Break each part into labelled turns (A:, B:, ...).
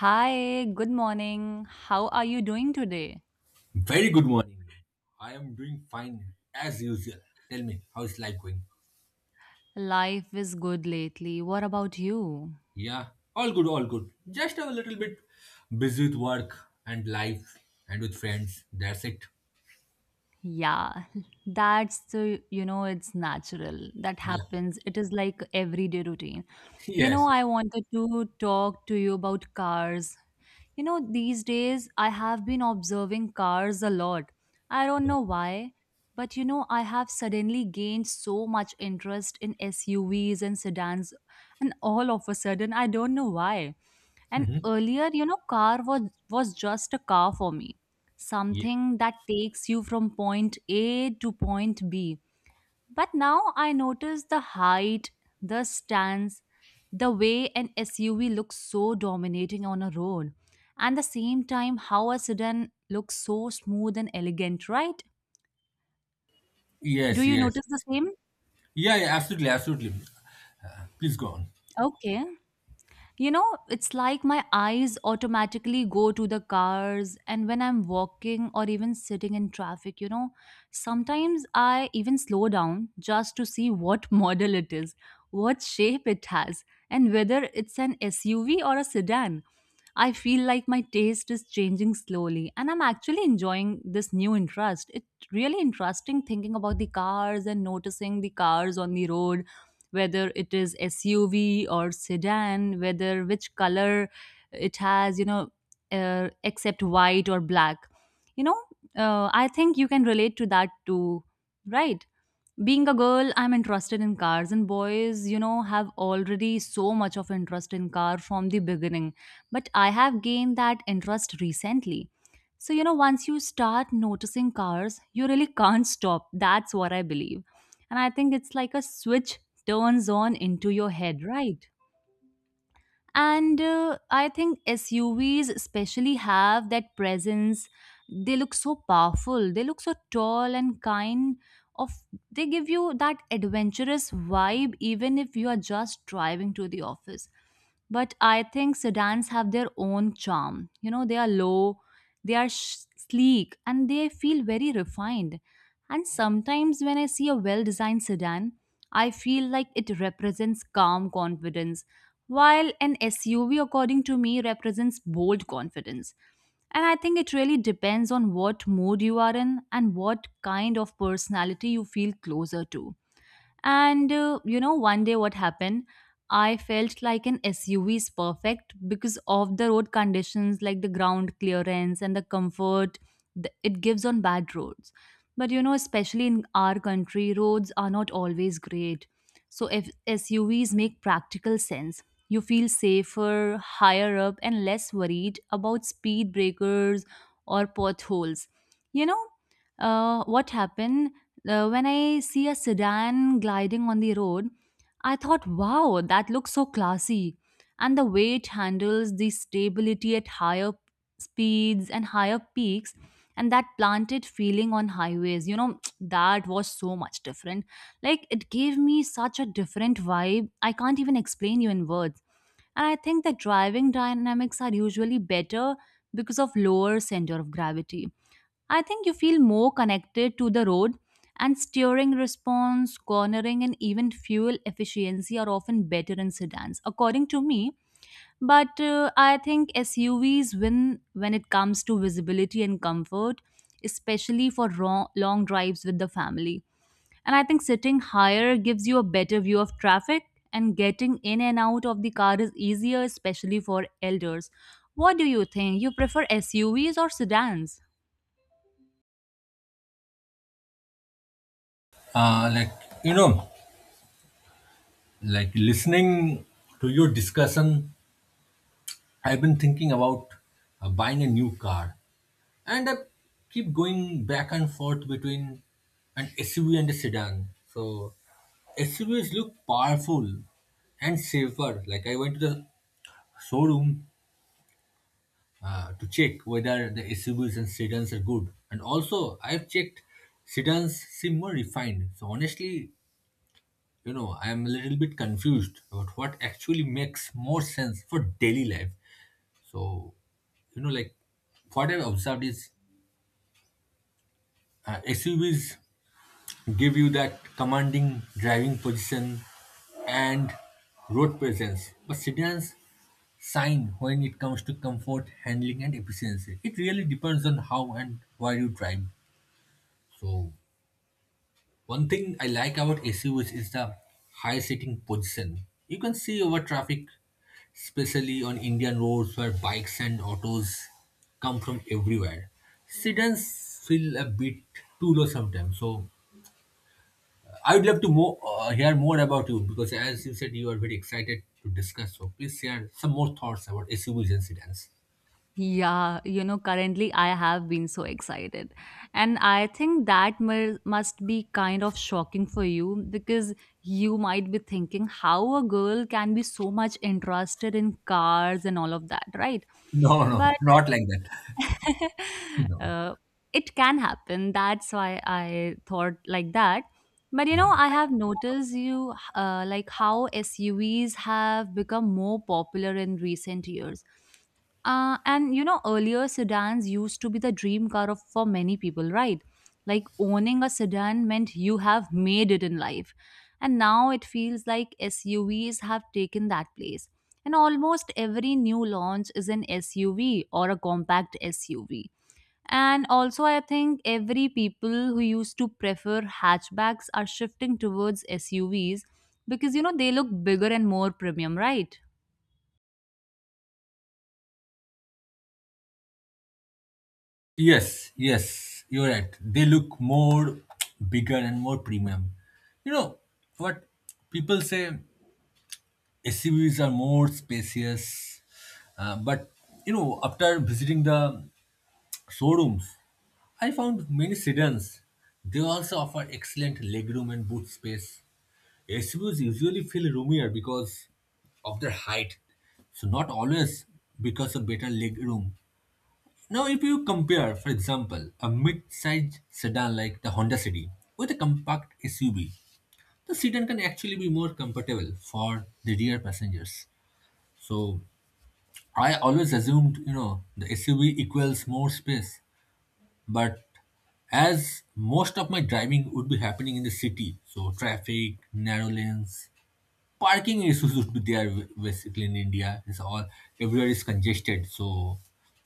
A: Hi, good morning. How are you doing today?
B: Very good morning. I am doing fine as usual. Tell me, how's life going?
A: Life is good lately. What about you?
B: Yeah, all good, all good. Just a little bit busy with work and life and with friends. That's it.
A: Yeah, that's the, you know, it's natural. That
B: Yeah.
A: happens. It is like everyday routine. You know,
B: Yes. Yes.
A: I wanted to talk to you about cars. You know, these days I have been observing cars a lot. I don't
B: Yeah.
A: know why, but you know, I have suddenly gained so much interest in SUVs and sedans, and all of a sudden, I don't know why. And
B: Mhm.
A: earlier, you know, car was just a car for me,
B: Yeah.
A: something that takes you from point A to point B. But now I notice the height, the stance, the way an SUV looks so dominating on a road, and the same time how a sedan looks so smooth and elegant, right? Do
B: Yes,
A: you
B: yes.
A: notice the same?
B: Yeah, yeah, absolutely, absolutely. Please go on.
A: Okay. You know, it's like my eyes automatically go to the cars, and when I'm walking or even sitting in traffic, you know, sometimes I even slow down just to see what model it is, what shape it has, and whether it's an SUV or a sedan. I feel like my taste is changing slowly, and I'm actually enjoying this new interest. It's really interesting thinking about the cars and noticing the cars on the road, whether it is SUV or sedan, whether which color it has, you know, except white or black. You know, I think you can relate to that too, right? Being a girl, I'm interested in cars, and boys, you know, have already so much of interest in car from the beginning, but I have gained that interest recently. So you know, once you start noticing cars you really can't stop. That's what I believe. And I think it's like a switch turns on into your head, right? And I think SUVs especially have that presence. They look so powerful, they look so tall and kind of they give you that adventurous vibe even if you are just driving to the office. But I think sedans have their own charm. You know, they are low, they are sleek, and they feel very refined. And sometimes when I see a well designed sedan, I feel like it represents calm confidence, while an SUV, according to me, represents bold confidence. And I think it really depends on what mood you are in and what kind of personality you feel closer to. And you know, one day what happened? I felt like an SUV is perfect because of the road conditions, like the ground clearance and the comfort it gives on bad roads. But you know, especially in our country, roads are not always great. So if SUVs make practical sense, you feel safer, higher up, and less worried about speed breakers or potholes. You know, what happened? When I see a sedan gliding on the road, I thought, wow, that looks so classy. And the way it handles the stability at higher speeds and higher peaks, and that planted feeling on highways, you know, that was so much different. Like, it gave me such a different vibe. I can't even explain you in words. And I think that driving dynamics are usually better because of lower center of gravity. I think you feel more connected to the road, and steering response, cornering, and even fuel efficiency are often better in sedans, according to me. But I think SUVs win when it comes to visibility and comfort, especially for long drives with the family. And I think sitting higher gives you a better view of traffic, and getting in and out of the car is easier, especially for elders. What do you think? You prefer SUVs or sedans?
B: Like, you know, like listening to your discussion, I've been thinking about buying a new car, and I keep going back and forth between an SUV and a sedan. So SUVs look powerful and safer. Like I went to the showroom to check whether the SUVs and sedans are good, and also I've checked sedans seem more refined. So honestly, you know, I'm a little bit confused about what actually makes more sense for daily life. So, you know, like what I've observed is SUVs give you that commanding driving position and road presence, but sedans sign when it comes to comfort, handling, and efficiency. It really depends on how and why you drive. So, one thing I like about SUVs is the high sitting position. You can see over traffic, especially on Indian roads where bikes and autos come from everywhere. Sedans feel a bit too low sometimes. So I would love to hear more about you because, as you said, you are very excited to discuss. So please share some more thoughts about SUVs and sedans.
A: Yeah, you know, currently I have been so excited. And I think that must be kind of shocking for you because you might be thinking how a girl can be so much interested in cars and all of that, right?
B: No, no,
A: But
B: not like that. No,
A: uh, it can happen. That's why I thought like that. But you
B: no,
A: know,
B: no.
A: I have noticed you like how SUVs have become more popular in recent years. And you know, earlier sedans used to be the dream car of for many people, right? Like owning a sedan meant you have made it in life. And now it feels like SUVs have taken that place. And almost every new launch is an SUV or a compact SUV. And also, I think every people who used to prefer hatchbacks are shifting towards SUVs because you know they look bigger and more premium, right?
B: Yes, yes, you're right. They look more bigger and more premium. You know what people say, SUVs are more spacious, but you know, after visiting the showrooms, I found many sedans. They also offer excellent legroom and boot space. SUVs usually feel roomier because of their height, so not always because of better legroom. Now, if you compare, for example, a mid-sized sedan like the Honda City with a compact SUV, the sedan can actually be more comfortable for the rear passengers. So, I always assumed, you know, the SUV equals more space, but as most of my driving would be happening in the city, so traffic, narrow lanes, parking issues would be there basically in India. It's all everywhere is congested. So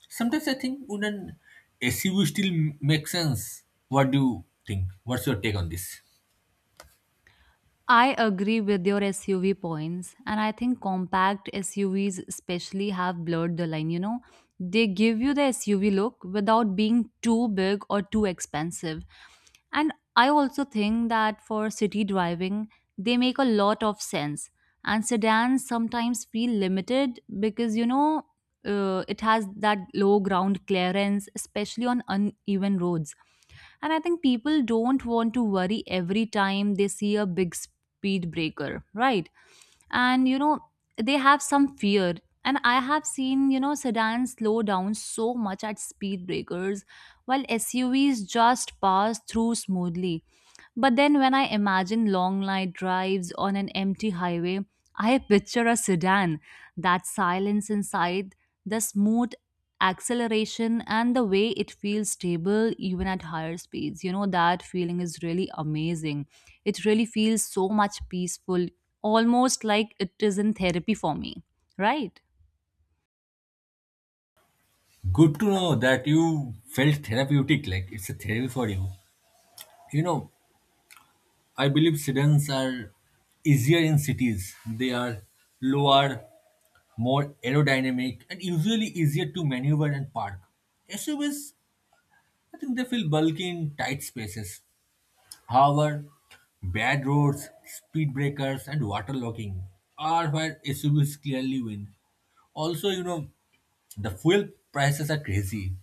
B: sometimes I think, would an SUV still make sense? What do you think? What's your take on this?
A: I agree with your SUV points, and I think compact SUVs especially have blurred the line. You know, they give you the SUV look without being too big or too expensive. And I also think that for city driving, they make a lot of sense. And sedans sometimes feel limited because, you know, it has that low ground clearance, especially on uneven roads, and I think people don't want to worry every time they see a big speed breaker, right? And you know, they have some fear. And I have seen, you know, sedans slow down so much at speed breakers while SUVs just pass through smoothly. But then when I imagine long night drives on an empty highway, I picture a sedan, that silence inside, the smooth acceleration, and the way it feels stable even at higher speeds. You know, that feeling is really amazing. It really feels so much peaceful, almost like it is in therapy for me, right?
B: Good to know that you felt therapeutic, like it's a therapy for you. You know, I believe sedans are easier in cities. They are lower, more aerodynamic, and usually easier to maneuver and park. SUVs, I think they feel bulky in tight spaces. However, bad roads, speed breakers, and water locking are where SUVs clearly win. Also, you know, the fuel prices are crazy.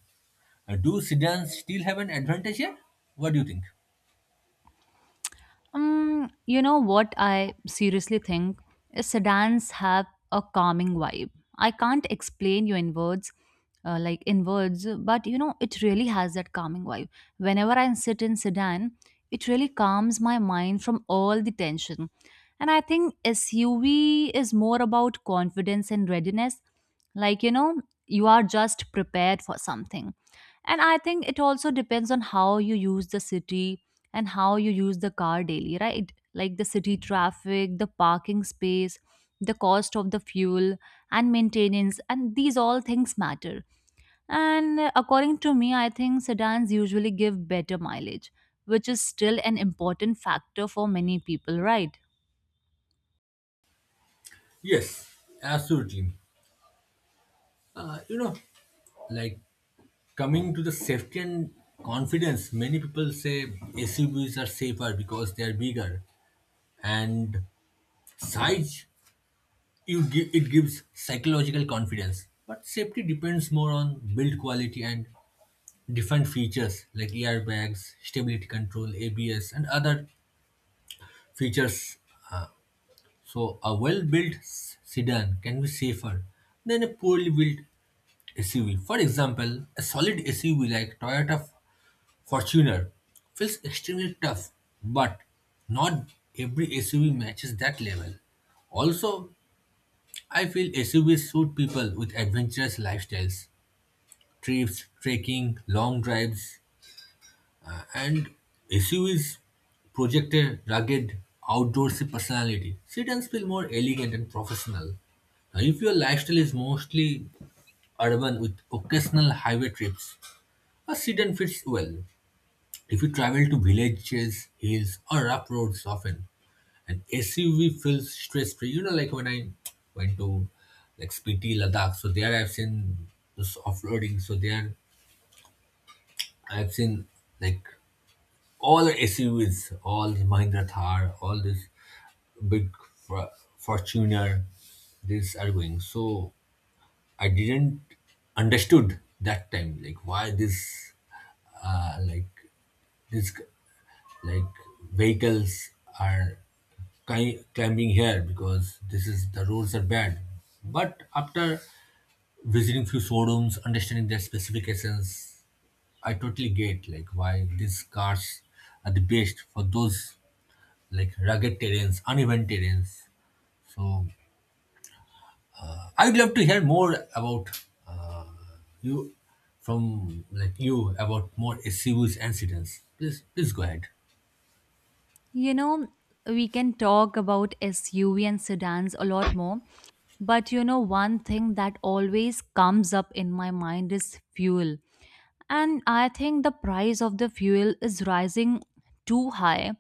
B: Do sedans still have an advantage here? What do you think?
A: You know what I seriously think is sedans have a calming vibe. I can't explain you in words, like in words, but you know it really has that calming vibe. Whenever I sit in sedan, it really calms my mind from all the tension. And I think SUV is more about confidence and readiness. Like you know, you are just prepared for something. And I think it also depends on how you use the city and how you use the car daily, right? Like the city traffic, the parking space, the cost of the fuel and maintenance, and these all things matter. And according to me, I think sedans usually give better mileage, which is still an important factor for many people, right?
B: Yes, absolutely. You know, like coming to the safety and confidence, many people say SUVs are safer because they are bigger, and size, it gives psychological confidence, but safety depends more on build quality and different features like airbags, stability control, ABS, and other features. So a well-built sedan can be safer than a poorly built SUV. For example, a solid SUV like Toyota Fortuner feels extremely tough, but not every SUV matches that level. Also, I feel SUVs suit people with adventurous lifestyles, trips, trekking, long drives, and SUVs project a rugged, outdoorsy personality. Sedans feel more elegant and professional. Now, if your lifestyle is mostly urban with occasional highway trips, a sedan fits well. If you travel to villages, hills, or rough roads often, and SUV feels stress free. You know, like when I went to, like, Spiti, Ladakh, so there I've seen this off roading. So there I've seen, like, all the SUVs, all the Mahindra Thar, all this big Fortuner, these are going. So I didn't understood that time like why this uh, like this like vehicles are climbing here because this is the roads are bad. But after visiting few showrooms, understanding their specifications, I totally get like why these cars are the best for those, like, rugged terrains, uneven terrains. So I would love to hear more about you, from, like, you, about more SUVs and sedans. Please go ahead.
A: You know, we can talk about SUV and sedans a lot more, but you know, one thing that always comes up in my mind is fuel, and I think the price of the fuel is rising too high.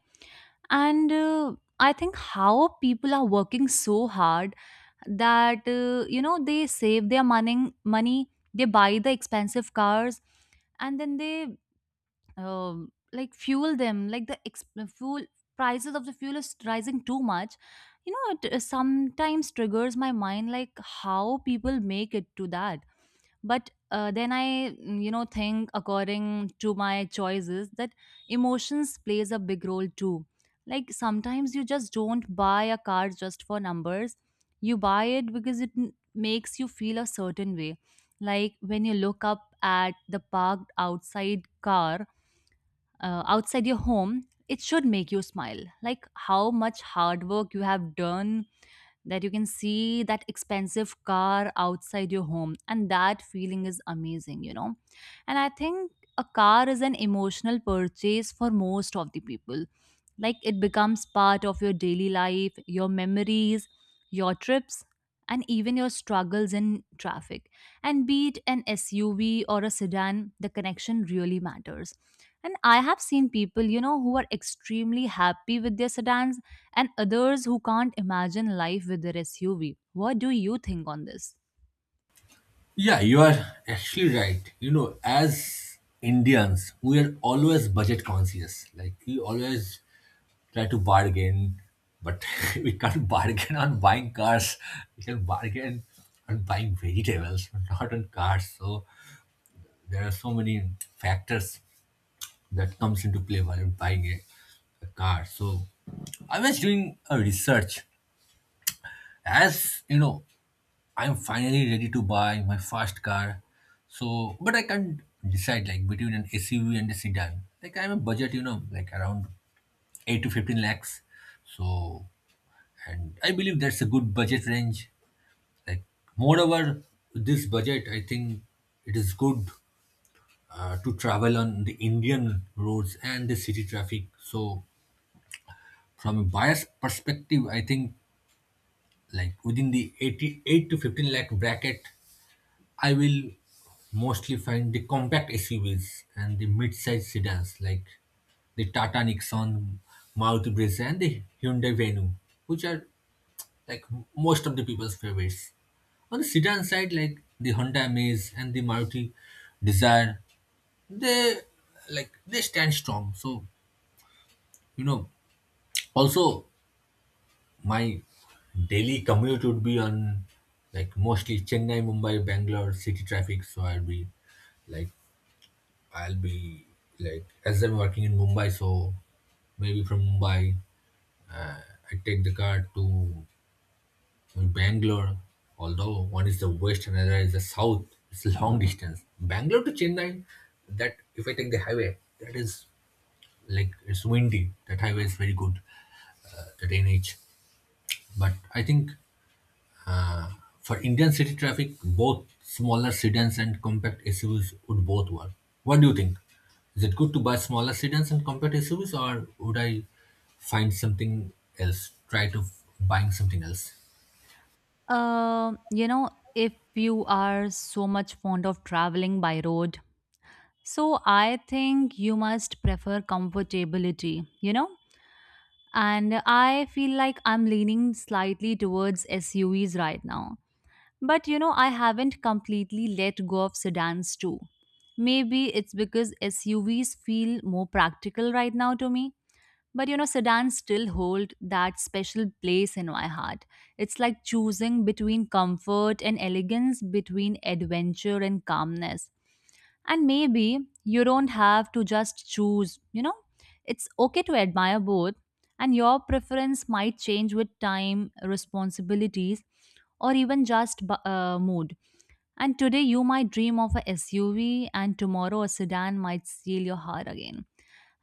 A: And I think how people are working so hard that you know, they save their money, they buy the expensive cars, and then they uh, like fuel them. Like the fuel prices of the fuel is rising too much. You know, it sometimes triggers my mind like how people make it to that. But then I you know, think according to my choices that emotions plays a big role too. Like sometimes you just don't buy a car just for numbers, you buy it because it makes you feel a certain way. Like when you look up at the parked outside car, outside your home, it should make you smile like how much hard work you have done that you can see that expensive car outside your home, and that feeling is amazing, you know. And I think a car is an emotional purchase for most of the people. Like it becomes part of your daily life, your memories, your trips, and even your struggles in traffic. And be it an SUV or a sedan, the connection really matters. And I have seen people, you know, who are extremely happy with their sedans, and others who can't imagine life with their SUV. What do you think on this?
B: Yeah, you are actually right. You know, as Indians, we are always budget conscious. Like we always try to bargain, but we can't bargain on buying cars. We can bargain on buying vegetables, but not on cars. So there are so many factors that comes into play while buying a car. So I was doing a research, as you know, I'm finally ready to buy my first car. So, but I can't decide like between an SUV and a sedan. Like I'm a budget, you know, like around 8 to 15 lakhs. So, and I believe that's a good budget range. Like moreover, this budget, I think it is good to travel on the Indian roads and the city traffic. So, from a buyer's perspective, I think like within the 88 to 15 lakh bracket, I will mostly find the compact SUVs and the mid sized sedans like the Tata Nixon, Maruti Brezza, and the Hyundai Venue, which are like most of the people's favorites. On the sedan side, like the Honda Amaze and the Maruti Desire, they they stand strong. So you know, also my daily commute would be on like mostly Chennai, Mumbai, Bangalore city traffic. So like I'll be like, as I'm working in Mumbai, so maybe from Mumbai, I take the car to Bangalore. Although one is the west and another is the south, it's a long distance. Bangalore to Chennai, that if I take the highway, that is like it's windy. That highway is very good, that NH. But I think for Indian city traffic, both smaller sedans and compact SUVs would both work. What do you think? Is it good to buy smaller sedans and compact SUVs, or would I find something else? Try to buying something else.
A: You know, if you are so much fond of traveling by road, so I think you must prefer comfortability, you know? And I feel like I'm leaning slightly towards SUVs right now. But you know, I haven't completely let go of sedans too. Maybe it's because SUVs feel more practical right now to me. But you know, sedans still hold that special place in my heart. It's like choosing between comfort and elegance, between adventure and calmness. And maybe you don't have to just choose, you know, it's okay to admire both, and your preference might change with time, responsibilities, or even just mood. And today you might dream of a SUV, and tomorrow a sedan might steal your heart again.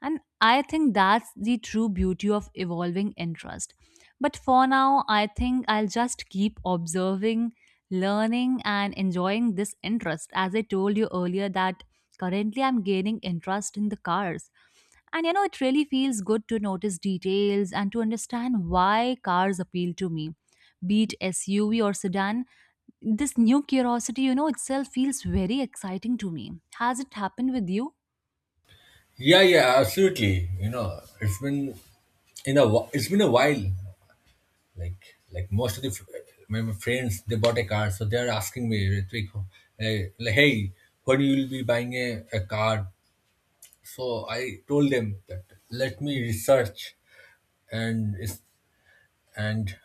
A: And I think that's the true beauty of evolving interest. But for now, I think I'll just keep observing, learning, and enjoying this interest. As I told you earlier, that currently I'm gaining interest in the cars. And you know, it really feels good to notice details and to understand why cars appeal to me. Be it SUV or sedan, this new curiosity, you know, itself feels very exciting to me. Has it happened with you?
B: Yeah, yeah, absolutely. You know, it's been a while. Like most of the fr- my friends, they bought a car, so they're asking me, Ritwik, like, hey, when you will be buying a car? So I told them that let me research, and is- and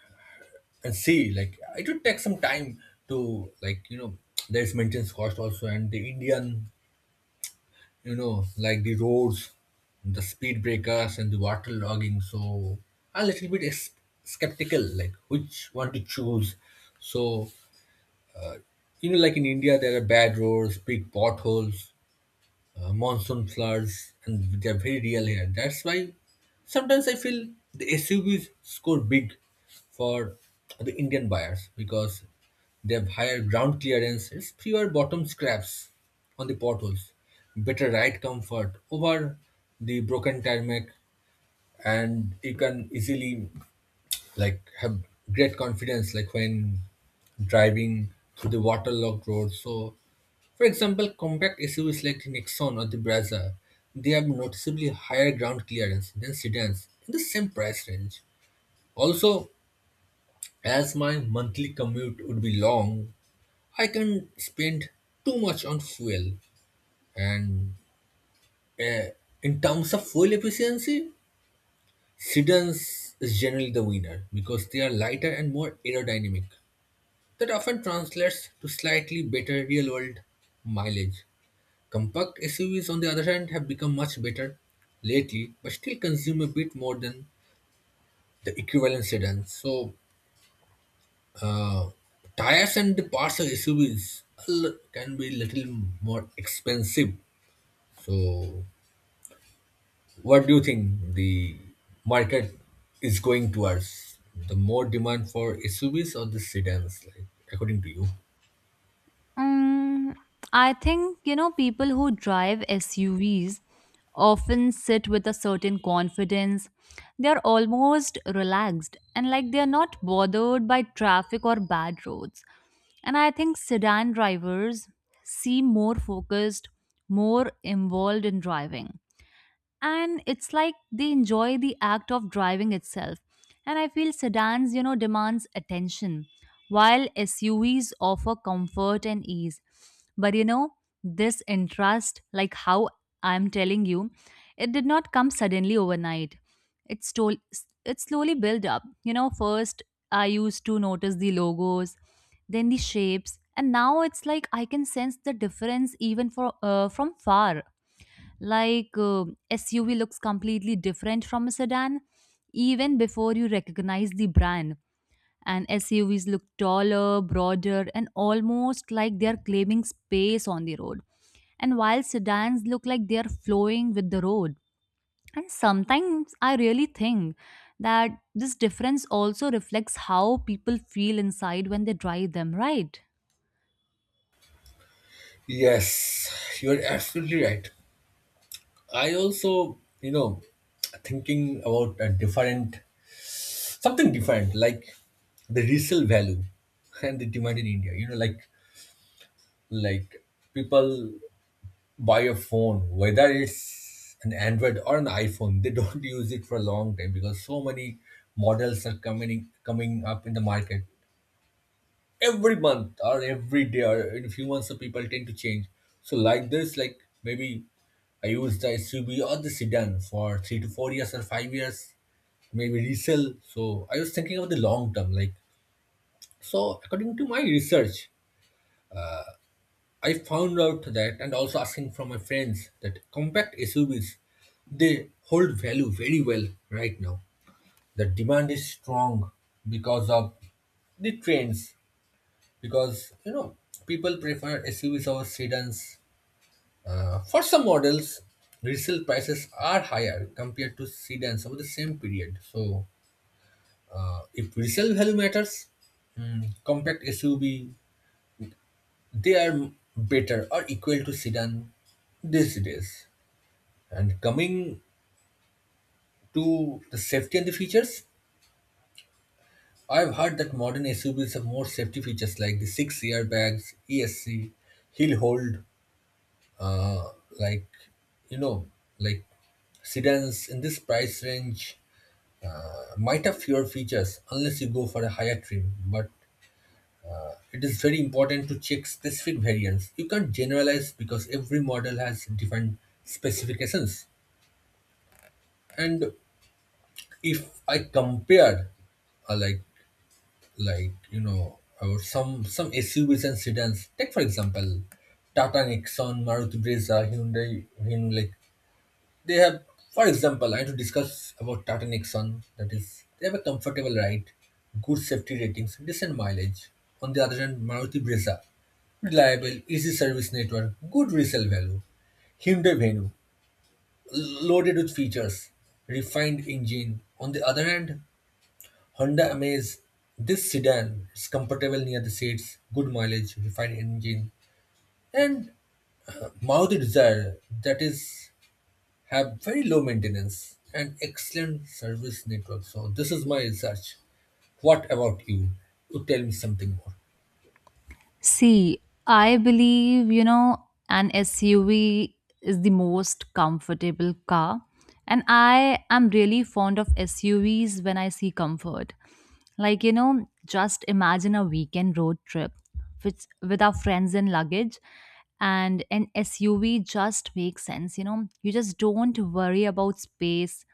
B: and see. Like it would take some time to, like, there's maintenance cost also, and the Indian, like, the roads, the speed breakers and the water logging. So a little bit is skeptical like which one to choose. So you know, like in India there are bad roads, big potholes, monsoon floods, and they're very real here. That's why sometimes I feel the SUVs score big for the Indian buyers because they have higher ground clearance, fewer bottom scraps on the potholes, better ride comfort over the broken tarmac, and you can easily like have great confidence like when driving through the waterlogged roads. So for example, compact SUVs like the Nexon or the Brazza, they have noticeably higher ground clearance than sedans in the same price range. Also, as my monthly commute would be long, I can spend too much on fuel. And uh, in terms of fuel efficiency, sedans is generally the winner because they are lighter and more aerodynamic. That often translates to slightly better real world mileage. Compact SUVs, on the other hand, have become much better lately, but still consume a bit more than the equivalent sedans. So, uh, tires and the parts of SUVs can be little more expensive. So, what do you think the market is going towards? The more demand for SUVs or the sedans, like, according to you?
A: Um, I think, you know, people who drive SUVs often sit with a certain confidence. They're almost relaxed and like they're not bothered by traffic or bad roads. And I think sedan drivers seem more focused, more involved in driving, and it's like they enjoy the act of driving itself. And I feel sedans, you know, demands attention while suvs offer comfort and ease. But you know, this interest, like how I'm telling you, it did not come suddenly overnight. It stole, it slowly built up, you know. First I used to notice the logos, then the shapes, and now it's like I can sense the difference even for from far, like SUV looks completely different from a sedan even before you recognize the brand. And SUVs look taller, broader, and almost like they're claiming space on the road. And while sedans look like they're flowing with the road. And sometimes I really think that this difference also reflects how people feel inside when they drive them, right?
B: Yes, you're absolutely right. I also, you know, thinking about a different, something different, like the resale value and the demand in India. You know, like people buy a phone, whether it's an Android or an iPhone, they don't use it for a long time because so many models are coming up in the market. Every month or every day or in a few months, the people tend to change. So like this, like maybe I use the SUV or the sedan for 3 to 4 years or 5 years, maybe resell. So I was thinking about the long term, like, so according to my research, I found out that, and also asking from my friends, that compact SUVs they hold value very well right now. The demand is strong because of the trends, because you know people prefer SUVs over sedans. For some models, resale prices are higher compared to sedans over the same period. So, if resale value matters, compact SUV they are better or equal to sedan these days. And coming to the safety and the features, I've heard that modern SUVs have more safety features like the 6 airbags, ESC, hill hold, like you know like sedans in this price range might have fewer features unless you go for a higher trim, but it is very important to check specific variants. You can't generalize because every model has different specifications. And if I compare, uh, like like you know or some SUVs and sedans. Take for example, Tata Nexon, Maruti Brezza, Hyundai. They have, for example, I had to discuss about Tata Nexon. That is, they have a comfortable ride, good safety ratings, decent mileage. On the other hand, Maruti Brezza, reliable, easy service network, good resale value. Hyundai Venue, loaded with features, refined engine. On the other hand, Honda Amaze, this sedan is comfortable near the seats, good mileage, refined engine, and Maruti Desire, that is have very low maintenance and excellent service network. So this is my research. What about you? You tell me something more.
A: See, I believe, you know, an SUV is the most comfortable car. And I am really fond of SUVs when I see comfort. Like, you know, just imagine a weekend road trip with our friends and luggage, and an SUV just makes sense, you know. You just don't worry about space,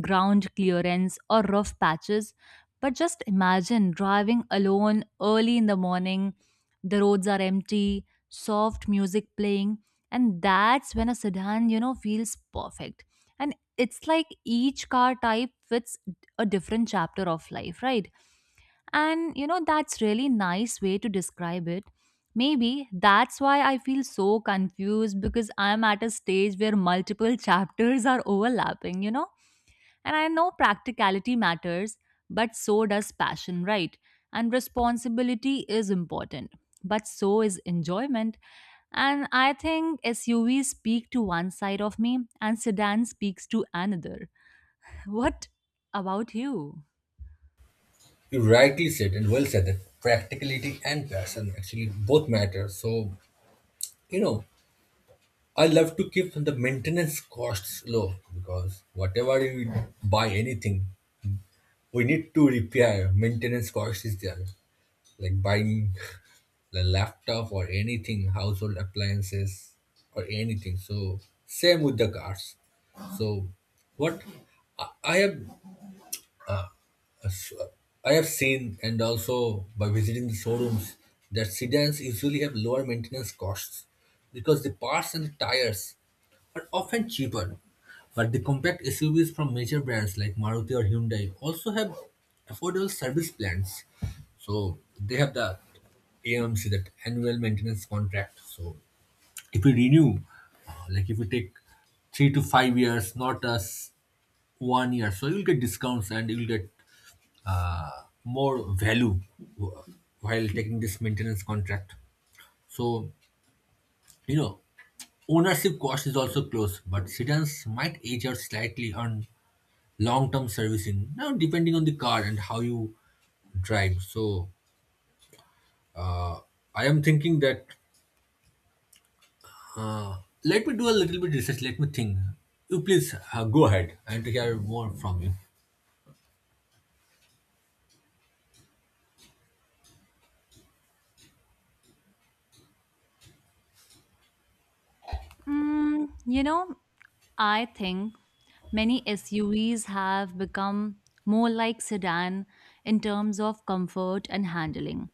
A: ground clearance, or rough patches. But just imagine driving alone early in the morning, the roads are empty, soft music playing, and that's when a sedan, you know, feels perfect. And it's like each car type fits a different chapter of life, right? And you know, that's really nice way to describe it. Maybe that's why I feel so confused because I'm at a stage where multiple chapters are overlapping, you know? And I know practicality matters, but so does passion, right? And responsibility is important, but so is enjoyment. And I think SUVs speak to one side of me and sedans speaks to another. What about you?
B: You rightly said and well said that practicality and passion actually both matter. So you know, I love to keep the maintenance costs low because whatever you buy anything, we need to repair. Maintenance cost is there. Like buying the laptop or anything, household appliances or anything. So same with the cars. So what I have so, I have seen, and also by visiting the showrooms, that sedans usually have lower maintenance costs because the parts and the tires are often cheaper. But the compact SUVs from major brands like Maruti or Hyundai also have affordable service plans. So they have the AMC, that annual maintenance contract. So if you renew, if you take 3 to 5 years, not as one year, so you'll get discounts and you'll get more value wh- while taking this maintenance contract. So, you know, ownership cost is also close, but sedans might age out slightly on long term servicing, now depending on the car and how you drive. So, uh, I am thinking that let me do a little bit research, let me think. You please go ahead and hear more from you.
A: Mm, you know, I think many SUVs have become more like sedan in terms of comfort and handling.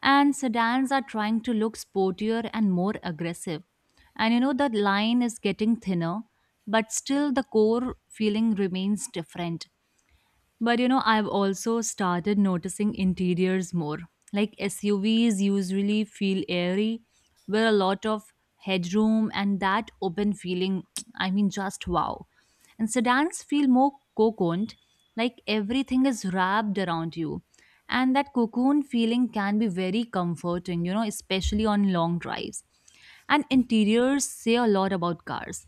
A: And sedans are trying to look sportier and more aggressive. And you know, the line is getting thinner, but still the core feeling remains different. But you know, I've also started noticing interiors more. Like SUVs usually feel airy, with a lot of headroom and that open feeling. I mean, just wow. And sedans feel more cocooned, like everything is wrapped around you. And that cocoon feeling can be very comforting, you know, especially on long drives. And interiors say a lot about cars.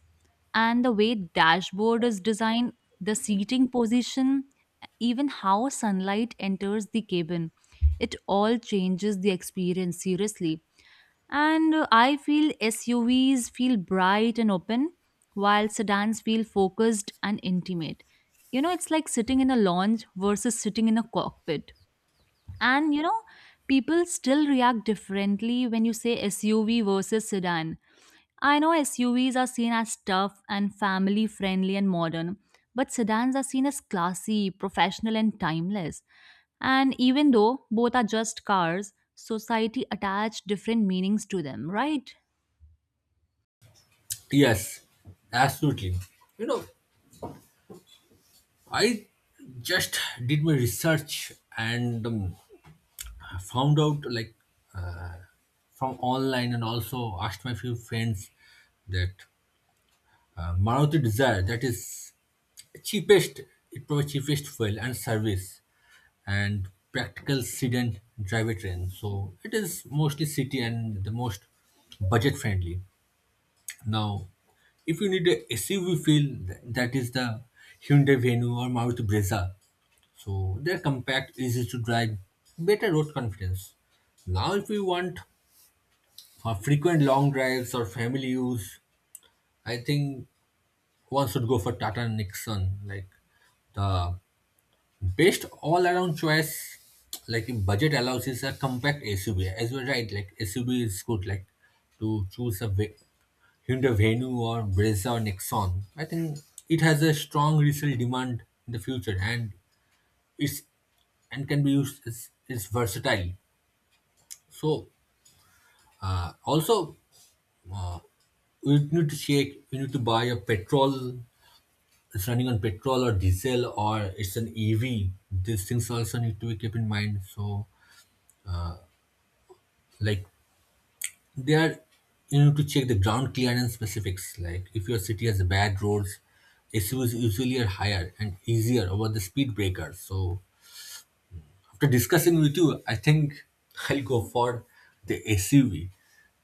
A: And the way dashboard is designed, the seating position, even how sunlight enters the cabin, it all changes the experience seriously, and I feel SUVs feel bright and open, while sedans feel focused and intimate. You know, it's like sitting in a lounge versus sitting in a cockpit. And you know, people still react differently when you say SUV versus sedan. I know SUVs are seen as tough and family friendly and modern, but sedans are seen as classy, professional, and timeless. And even though both are just cars, society attached different meanings to them, right?
B: Yes, absolutely. You know, I just did my research and found out like from online and also asked my few friends that Maruti Desire, that is cheapest, it provides cheapest fuel and service and practical sedan driver train, so it is mostly city and the most budget friendly. Now if you need a SUV feel, that is the Hyundai Venue or Maruti Brezza. So they're compact, easy to drive, better road confidence. Now, if we want for frequent long drives or family use, I think one should go for Tata Nixon. Like the best all-around choice, like if budget allows, is a compact SUV. As you're right, like SUV is good. Like to choose a ve- Hyundai Venue or Brezza or Nexon. I think it has a strong resale demand in the future, and it's and can be used. It's is versatile. So also we need to check, we need to buy a petrol, it's running on petrol or diesel or it's an EV. These things also need to be kept in mind. So like they are you need to check the ground clearance specifics, like if your city has bad roads, SUVs usually are higher and easier over the speed breakers. So after discussing with you, I think I'll go for the SUV.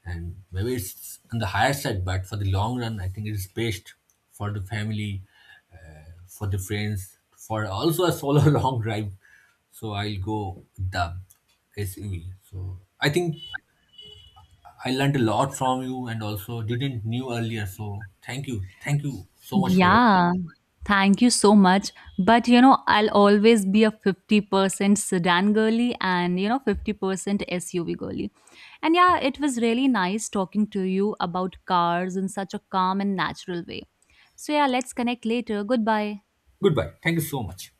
B: And maybe it's on the higher side, but for the long run, I think it is best for the family, for the friends, for also a solo long drive. So I'll go with the SUV. So I think I learned a lot from you and also didn't knew earlier. So thank you. Thank you so much for your time.
A: Yeah, thank you so much. But you know, I'll always be a 50% sedan girly and you know, 50% SUV girly. And yeah,
B: Yeah.
A: it was really nice talking to you about cars in such a calm and natural way. So yeah, let's connect later. Goodbye.
B: Goodbye. Thank you so much.